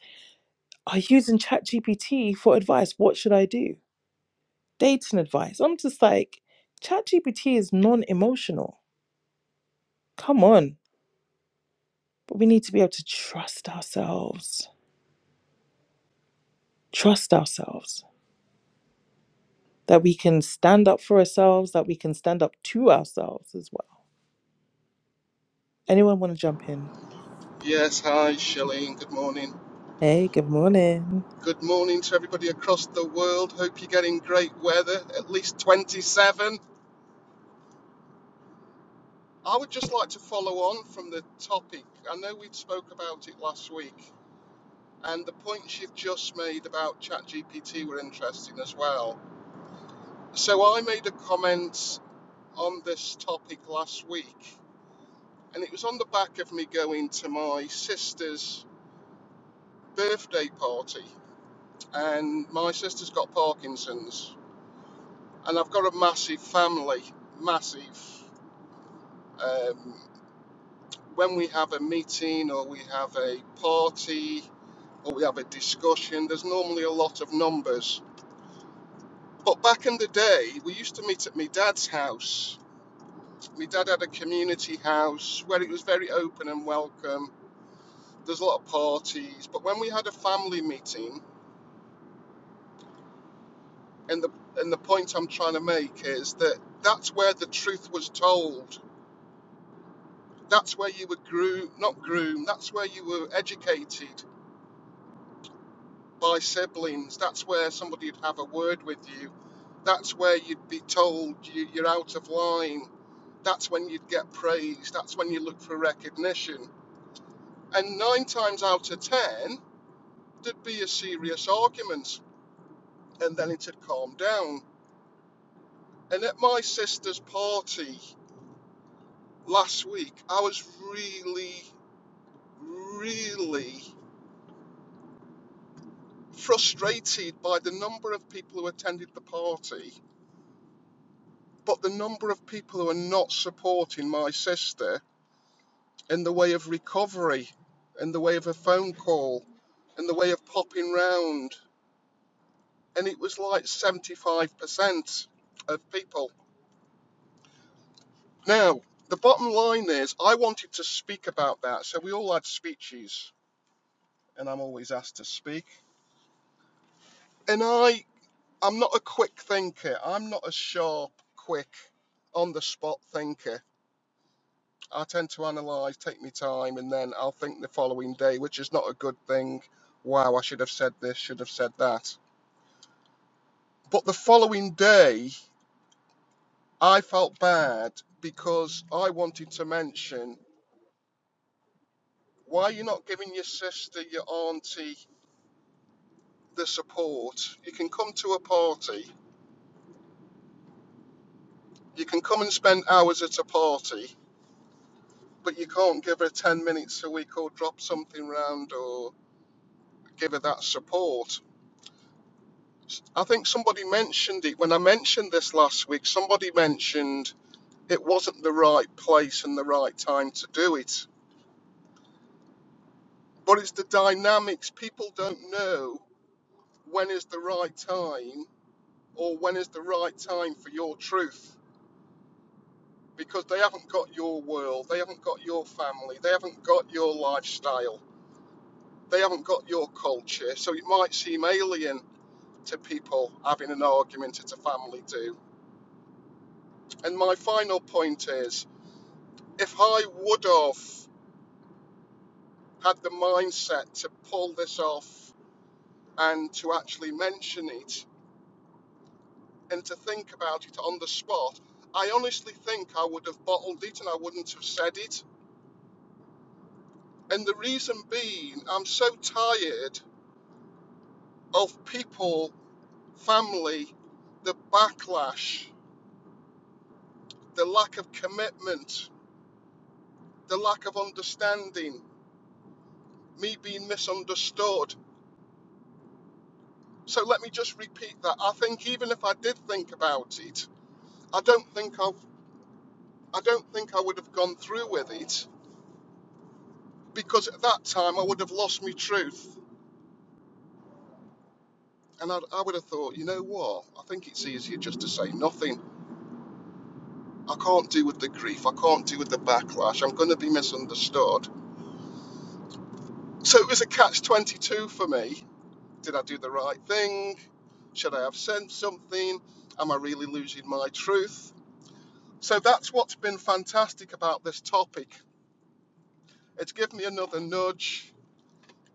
are using ChatGPT for advice. What should I do? Dating advice. I'm just like, ChatGPT is non emotional. Come on. But we need to be able to trust ourselves, trust ourselves that we can stand up for ourselves, that we can stand up to ourselves as well. Anyone want to jump in?
Yes, hi, Shalene. Good morning.
Hey, good morning.
Good morning to everybody across the world. Hope you're getting great weather, at least 27. I would just like to follow on from the topic. I know we spoke about it last week, and the points you've just made about ChatGPT were interesting as well. So I made a comment on this topic last week, and it was on the back of me going to my sister's birthday party, and my sister's got Parkinson's and I've got a massive family, massive. Um, when we have a meeting or we have a party or we have a discussion, there's normally a lot of numbers. But back in the day, we used to meet at my dad's house. My dad had a community house where it was very open and welcome. There's a lot of parties, but when we had a family meeting, and the and the point I'm trying to make is that that's where the truth was told That's where you were groom, not groomed, that's where you were educated by siblings. That's where somebody would have a word with you. That's where you'd be told you, you're out of line. That's when you'd get praised. That's when you look for recognition. And nine times out of ten, there'd be a serious argument and then it'd calm down. And at my sister's party last week, I was really, really frustrated by the number of people who attended the party, but the number of people who are not supporting my sister in the way of recovery, in the way of a phone call, in the way of popping round. And it was like 75% of people. Now, the bottom line is, I wanted to speak about that. So we all had speeches, and I'm always asked to speak. And I, I'm not a quick thinker. I'm not a sharp, quick on the spot thinker. I tend to analyze, take my time, and then I'll think the following day, which is not a good thing. Wow, I should have said this, should have said that. But the following day, I felt bad because I wanted to mention why are you not giving your sister, your auntie, the support? You can come to a party, you can come and spend hours at a party, but you can't give her 10 minutes a week or drop something round or give her that support. I think somebody mentioned it when I mentioned this last week. Somebody mentioned it wasn't the right place and the right time to do it. But it's the dynamics. People don't know when is the right time or when is the right time for your truth because they haven't got your world, they haven't got your family, they haven't got your lifestyle, they haven't got your culture. So it might seem alien to people having an argument at a family do. And my final point is if I would have had the mindset to pull this off and to actually mention it and to think about it on the spot, I honestly think I would have bottled it and I wouldn't have said it. And the reason being, I'm so tired of people, family, the backlash, the lack of commitment, the lack of understanding, me being misunderstood. So let me just repeat that. I think even if I did think about it, I don't think I've, I don't think I would have gone through with it because at that time I would have lost my truth. And I'd, I would have thought, you know what? I think it's easier just to say nothing. I can't deal with the grief. I can't deal with the backlash. I'm going to be misunderstood. So it was a catch 22 for me. Did I do the right thing? Should I have sent something? Am I really losing my truth? So that's what's been fantastic about this topic. It's given me another nudge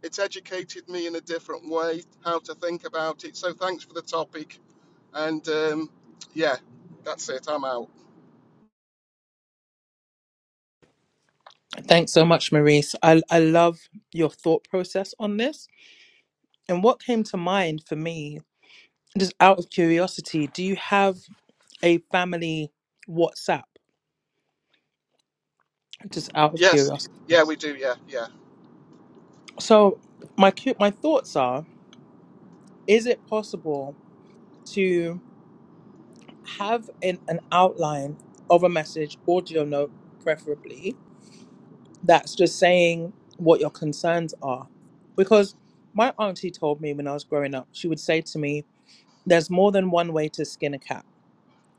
It's educated me in a different way how to think about it. So thanks for the topic. And um, yeah, that's it. I'm out.
Thanks so much, Maurice. I, I love your thought process on this And what came to mind for me, just out of curiosity, do you have a family WhatsApp? Just out of
Yes.
curiosity.
Yeah, we do. Yeah, yeah.
So my cu- my thoughts are: Is it possible to have an, an outline of a message, audio note, preferably, that's just saying what your concerns are? Because my auntie told me when I was growing up, she would say to me, "There's more than one way to skin a cat."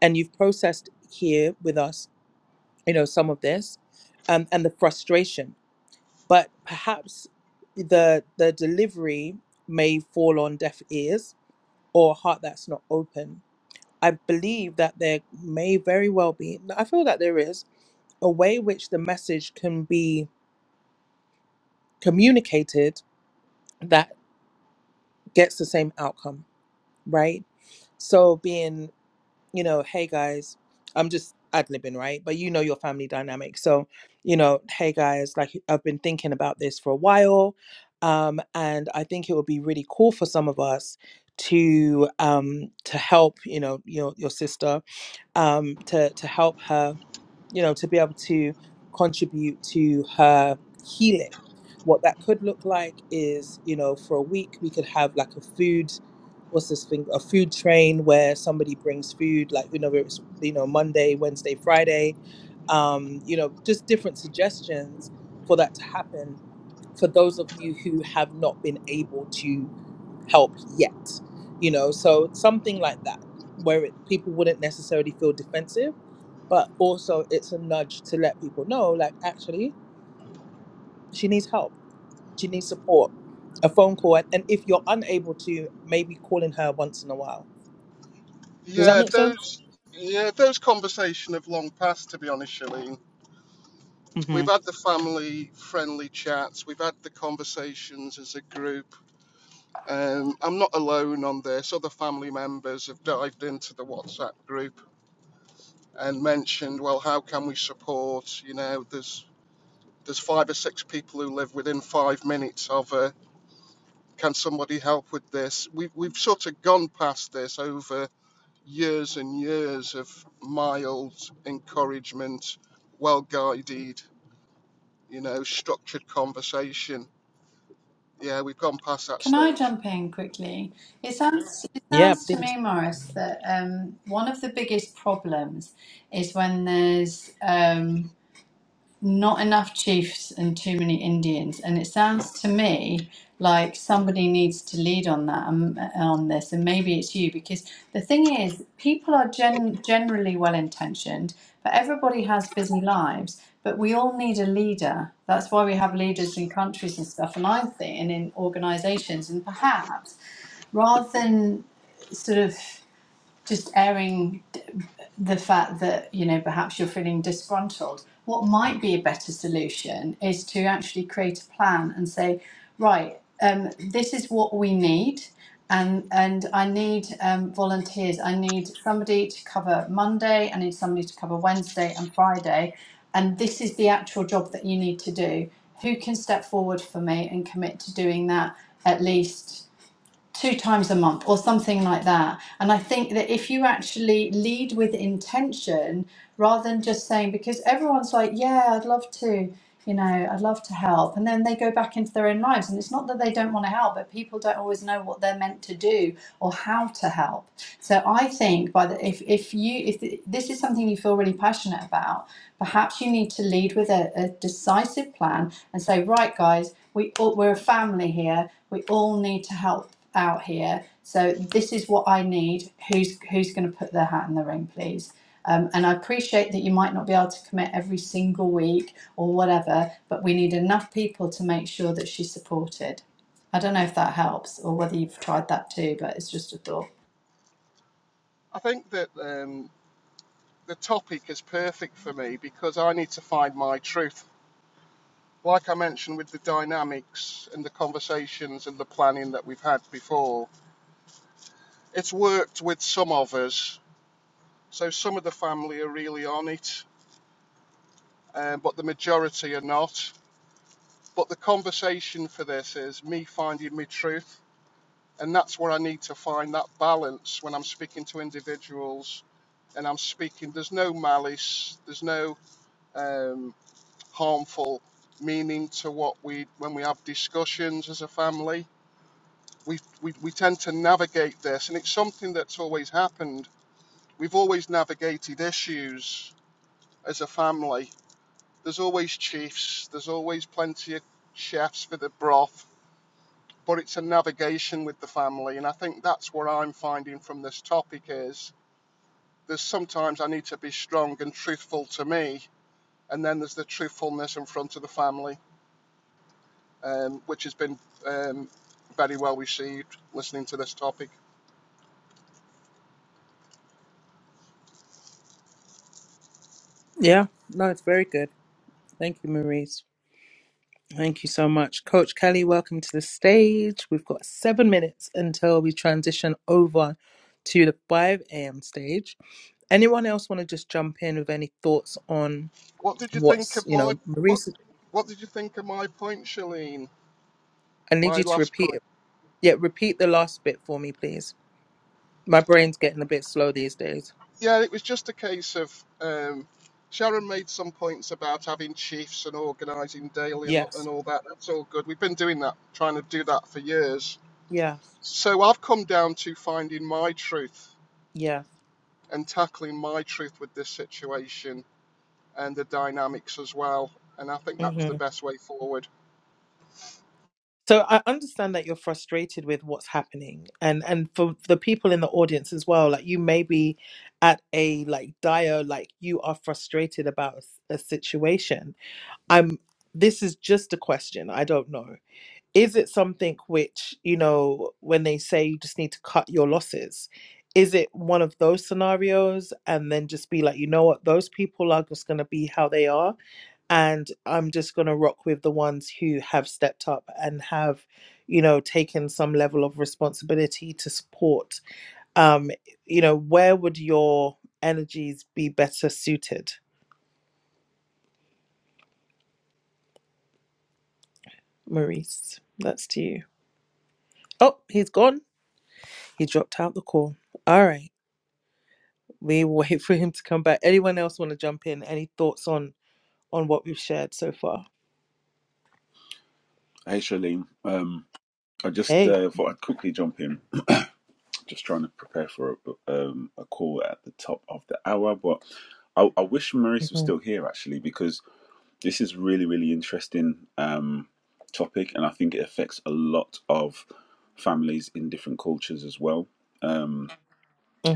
And you've processed here with us you know some of this um, and the frustration but perhaps the the delivery may fall on deaf ears or a heart that's not open i believe that there may very well be i feel that there is a way which the message can be communicated that gets the same outcome right so being you know, hey guys, I'm just ad libbing, right? But you know your family dynamic. So, you know, hey guys, like I've been thinking about this for a while. Um, and I think it would be really cool for some of us to um to help, you know, your your sister, um, to to help her you know, to be able to contribute to her healing. What that could look like is, you know, for a week we could have like a food, what's this thing, a food train where somebody brings food, like you know, it's you know Monday, Wednesday, Friday, um, you know, just different suggestions for that to happen for those of you who have not been able to help yet, you know, so something like that where it, people wouldn't necessarily feel defensive but also it's a nudge to let people know like actually she needs help she needs support a phone call and, and if you're unable to maybe calling her once in a while does that
Yeah,
make sense
those yeah, those conversations have long passed to be honest, Shalene.
hmm
We've had the family friendly chats, we've had the conversations as a group. Um, I'm not alone on this. Other family members have dived into the WhatsApp group and mentioned, well, how can we support? You know, there's there's five or six people who live within five minutes of a can somebody help with this we've, we've sort of gone past this over years and years of mild encouragement well guided you know structured conversation yeah we've gone past that
Can I
stage
jump in quickly? It sounds it
yeah
sounds to
please
me, Morris, that um, one of the biggest problems is when there's um, not enough chiefs and too many Indians. And it sounds to me like somebody needs to lead on that um, on this, and maybe it's you because the thing is, people are gen- generally well intentioned, but everybody has busy lives. But we all need a leader. That's why we have leaders in countries and stuff, and I think, and in organisations, and perhaps rather than sort of just airing the fact that you know perhaps you're feeling disgruntled what might be a better solution is to actually create a plan and say right um, this is what we need and and i need um, volunteers i need somebody to cover monday i need somebody to cover wednesday and friday and this is the actual job that you need to do who can step forward for me and commit to doing that at least two times a month or something like that. And I think that if you actually lead with intention rather than just saying, because everyone's like, yeah, I'd love to, you know, I'd love to help. And then they go back into their own lives. And it's not that they don't want to help, but people don't always know what they're meant to do or how to help. So I think by the, if, if you, if this is something you feel really passionate about, perhaps you need to lead with a, a decisive plan and say, right, guys, we all, we're a family here. We all need to help out here. So this is what I need. Who's who's going to put their hat in the ring, please? Um, and I appreciate that you might not be able to commit every single week or whatever, but we need enough people to make sure that she's supported. I don't know if that helps or whether you've tried that too, but it's just a thought.
i think that um, the topic is perfect for me because i need to find my truth like i mentioned with the dynamics and the conversations and the planning that we've had before it's worked with some of us So some of the family are really on it, um, but the majority are not. But the conversation for this is me finding my truth, and that's where I need to find that balance when I'm speaking to individuals and I'm speaking. There's no malice, there's no um, harmful meaning to what we when we have discussions as a family. We, we, we tend to navigate this, and it's something that's always happened. We've always navigated issues as a family There's always chiefs, there's always plenty of chefs for the broth, but it's a navigation with the family. And I think that's what I'm finding from this topic is there's sometimes I need to be strong and truthful to me, and then there's the truthfulness in front of the family, um, which has been um, very well received listening to this topic.
yeah no it's very good thank you maurice thank you so much coach kelly welcome to the stage we've got seven minutes until we transition over to the 5 a.m stage anyone else want to just jump in with any thoughts on
What did you think
what's
of
you
my
know
what
maurice
What did you think of my point, Shalene?
i need
My
you to
last point.
repeat Yeah, repeat the last bit for me, please. My brain's getting a bit slow these days.
yeah, it was just a case of um, Sharon made some points about having chiefs and organising daily and,
Yes,
and all that. That's all good. We've been doing that, trying to do that for years.
yes,
So I've come down to finding my truth
yes.
and tackling my truth with this situation and the dynamics as well. And I think that was the
hmm
best way forward.
So I understand that you're frustrated with what's happening, and and for the people in the audience as well. Like you may be at a like dire, like you are frustrated about a, s- a situation. I'm. This is just a question. I don't know. is it something which you know when they say you just need to cut your losses is it one of those scenarios and then just be like you know what those people are just going to be how they are and i'm just going to rock with the ones who have stepped up and have you know taken some level of responsibility to support um you know where would your energies be better suited maurice that's to you oh he's gone he dropped out the call all right we wait for him to come back. Anyone else want to jump in? Any thoughts on on what we've shared so far?
Hey, Shalim. Um, I just
Hey,
uh, thought I'd quickly jump in. Just trying to prepare for a, um, a call at the top of the hour, but I, I wish Maurice was
Mhm,
still here actually because this is really, really interesting um, topic, and I think it affects a lot of families in different cultures as well. Um,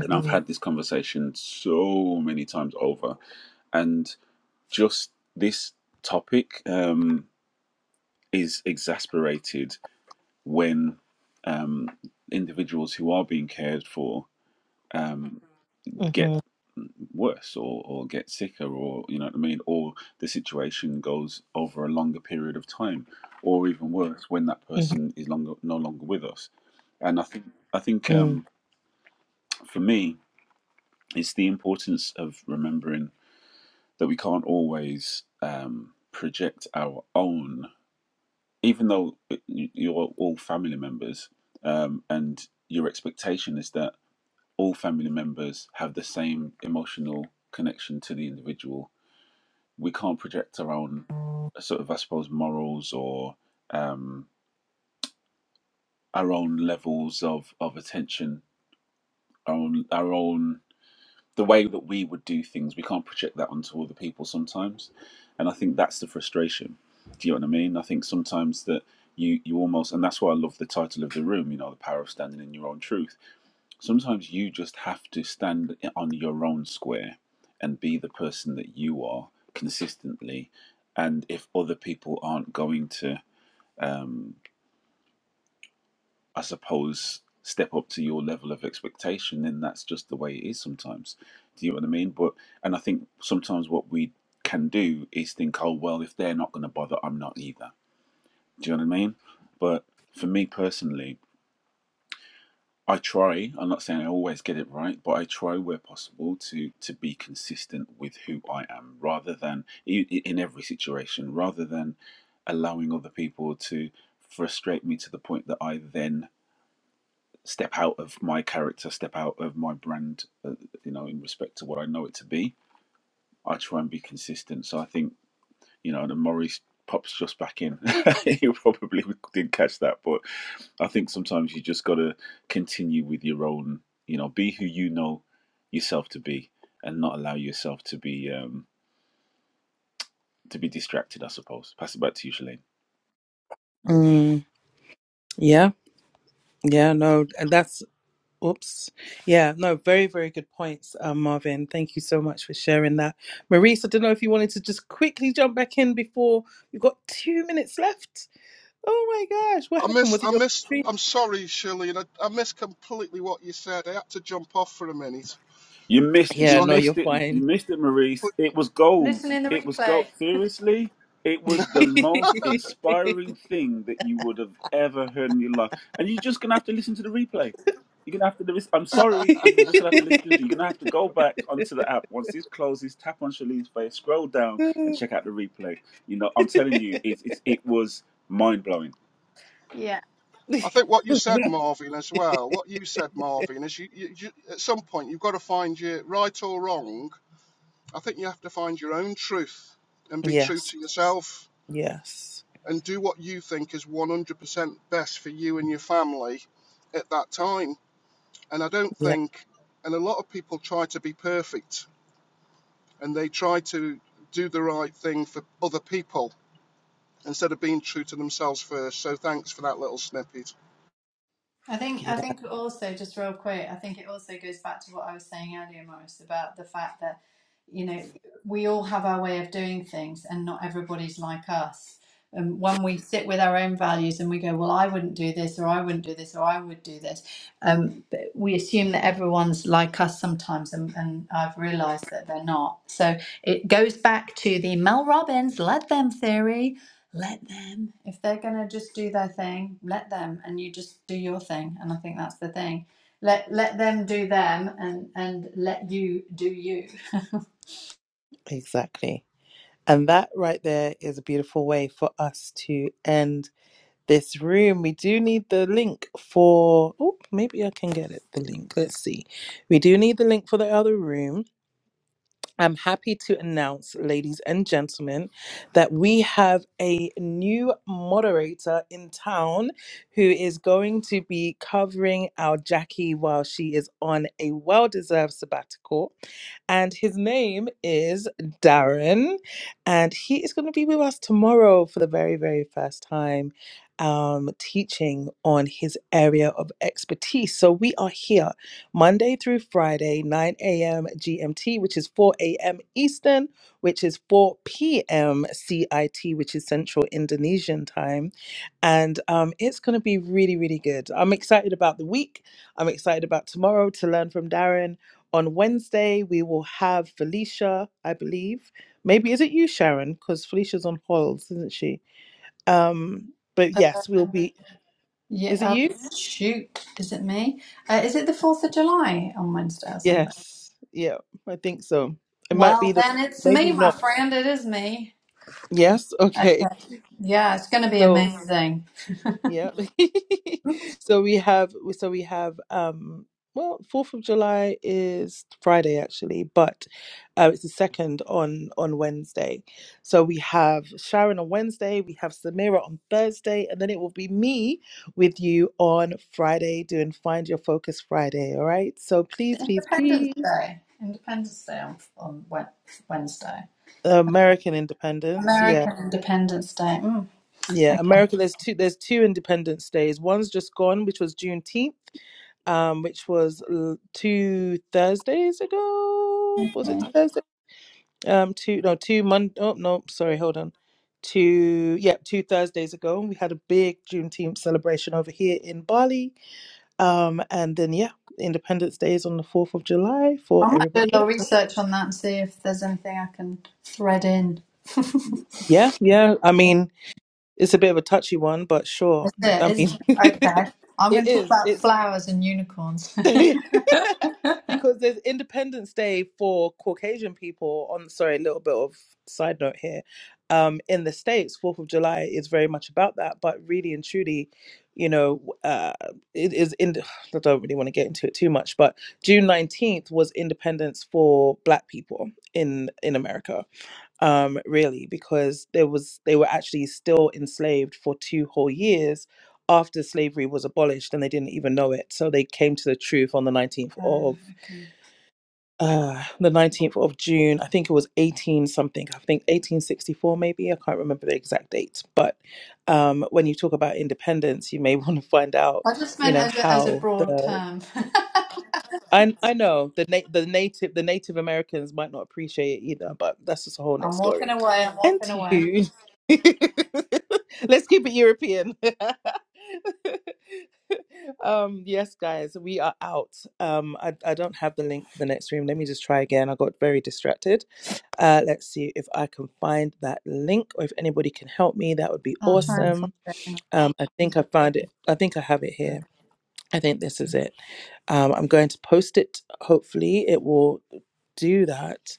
and I've had this conversation so many times over, and just this topic um, is exasperated when um, individuals who are being cared for um, get
mhm,
worse or, or get sicker or you know what I mean or the situation goes over a longer period of time or even worse when that
mhm,
person is longer no longer with us and I think I think
mm,
um, for me it's the importance of remembering that we can't always um, project our own even though it- you- you're all family members, um, and your expectation is that all family members have the same emotional connection to the individual, we can't project our own uh, sort of, I suppose, morals or um, our own levels of, of attention, our own, our own the way that we would do things, we can't project that onto other people sometimes. And I think that's the frustration. Do you know what I mean? I think sometimes that you you almost and that's why I love the title of the room, you know, the power of standing in your own truth. Sometimes you just have to stand on your own square and be the person that you are consistently. And if other people aren't going to um I suppose, step up to your level of expectation, then that's just the way it is sometimes. Do you know what I mean? But and I think sometimes what we can do is think, oh well, if they're not going to bother, I'm not either. Do you know what I mean? But for me personally, I try. I'm not saying I always get it right, but I try where possible to to be consistent with who I am, rather than in in every situation, rather than allowing other people to frustrate me to the point that I then step out of my character, step out of my brand, uh, you know, in respect to what I know it to be. I try and be consistent. So I think, you know, and Maurice pops just back in. he probably didn't catch that, but I think sometimes you just got to continue with your own, you know, be who you know yourself to be and not allow yourself to be um to be distracted, I suppose. Pass it back to you, Shalane.
mm. yeah, yeah, no, and that's oops, yeah, no, very very good points, uh, Marvin. Thank you so much for sharing that, Maurice. I don't know if you wanted to just quickly jump back in before we've got two minutes left. Oh my gosh, what
I
happened?
miss,
Was it
I
your
miss,
battery?
I'm sorry, Shirley, and I, I missed completely what you said. I had to jump off for a minute,
You missed it.
Yeah,
so
You
I
no, you're
missed
completely
it. You
fine.
missed it, Maurice. It was gold.
Listen in the
It was gold.
replay.
Seriously, it was the most inspiring thing that you would have ever heard in your life. And you're just gonna have to listen to the replay. You're gonna have to. lis- I'm sorry. You're just gonna have to listen. you're gonna have to go back onto the app once this closes. Tap on Shalene's face. Scroll down and check out the replay. You know, I'm telling you, it it, it was mind blowing
Yeah.
I think what you said, Marvin, as well. What you said, Marvin, is you, you, you at some point you've got to find your right or wrong. I think you have to find your own truth and be true
yes,
to yourself
yes,
and do what you think is 100% best for you and your family at that time. And I don't
yeah,
think, and a lot of people try to be perfect and they try to do the right thing for other people instead of being true to themselves first. So thanks for that little snippet.
I think
yeah,
I think also just real quick, I think it also goes back to what I was saying earlier, Morris, about the fact that you know we all have our way of doing things, and not everybody's like us. And when we sit with our own values and we go, well, I wouldn't do this, or I wouldn't do this, or I would do this, um, but we assume that everyone's like us sometimes, and, and I've realised that they're not. So it goes back to the Mel Robbins "Let Them" theory let them. If they're gonna just do their thing, let them, and you just do your thing. And I think that's the thing. Let let them do them, and and let you do you.
exactly. And that right there is a beautiful way for us to end this room. We do need the link for. Oh, maybe I can get it. The link. Let's see. We do need the link for the other room. I'm happy to announce, ladies and gentlemen, that we have a new moderator in town who is going to be covering our Jackie while she is on a well deserved sabbatical and his name is Darren, and he is going to be with us tomorrow for the very, very first time um, teaching on his area of expertise. So we are here Monday through Friday, 9 a.m. GMT, which is 4 a.m. Eastern, which is 4 p.m. CIT, which is Central Indonesian time. And um, it's going to be really, really good. I'm excited about the week. I'm excited about tomorrow to learn from Darren on Wednesday, we will have Felicia, I believe. Maybe is it you, Sharon? Because Felicia's on hold, isn't she? Um, but yes, we'll be. Is it
Yeah.
you?
Oh, shoot. Is it me? Uh, is it the 4th of July on Wednesday or something?
Yes. Yeah, I think so. It might
Well,
be the.
then it's me,
Maybe
my
not.
friend. It is me.
Yes. Okay.
Okay. Yeah, it's going to be
So
amazing.
Yep. So we have so we have um well, 4th of July is Friday actually, but uh, it's the second on on Wednesday. So we have Sharon on Wednesday, we have Samira on Thursday, and then it will be me with you on Friday doing Find Your Focus Friday, all right? So please, please,
Independence
please,
Day. Independence Day on, on Wed- Wednesday.
American Independence, yeah.
American Independence Day. Mm.
Yeah,
Okay.
America. There's two. There's two Independence Days. One's just gone, which was Juneteenth, um, which was l- two Thursdays ago. Was it Thursday? Um, two no, two Monday. Oh no, sorry, hold on. Two yeah, two Thursdays ago. We had a big Juneteenth celebration over here in Bali. Um, and then yeah, Independence Day is on the fourth of July for
I might do a
everybody. else.
little research on that and see if there's anything I can thread in. That's
Yeah, yeah. I mean, it's a bit of a touchy one, but sure.
it,
I
isn't
mean,
it?
it
Okay. I'm going to talk about
is.
flowers and unicorns. uh,
because there's Independence Day for Caucasian people. On sorry, a little bit of side note here. Um, in the states, Fourth of July is very much about that, but really and truly, you know, uh, it is. In, I don't really want to get into it too much, but June nineteenth was Independence for Black people in in America um, really, because there was they were actually still enslaved for two whole years after slavery was abolished, and they didn't even know it. So they came to the truth on the nineteenth of
okay.
uh, the nineteenth of June. I think it was eighteen something. I think eighteen sixty four, maybe. I can't remember the exact date. But um, when you talk about independence, you may want to find out,
I just
you
meant
know,
as a, as a
how
broad
the
term.
I I know the na- the native the Native Americans might not appreciate it either, but that's just a whole net
I'm walking
story.
away. I'm
And
walking
to
away.
you, let's keep it European. um, yes, guys, we are out. Um, I I don't have the link for the next room. Let me just try again. I got very distracted. Uh, let's see if I can find that link or if anybody can help me. That would be
I'll try and find
awesome.
it.
Um, I think I found it. I think I have it here. I think this is it. Um, I'm going to post it. Hopefully, it will do that.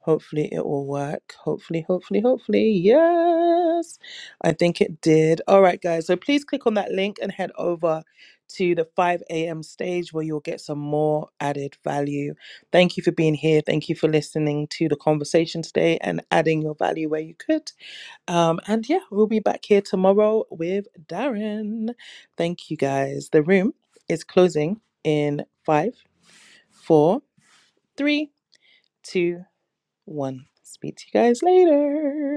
Hopefully, it will work. Hopefully, hopefully, hopefully. Yes. I think it did. All right, guys. So please click on that link and head over to the 5 a.m. stage where you'll get some more added value. Thank you for being here. Thank you for listening to the conversation today and adding your value where you could. Um, and yeah, we'll be back here tomorrow with Darren. Thank you guys. The room is closing in five, four, three, two, one. Speak to you guys later.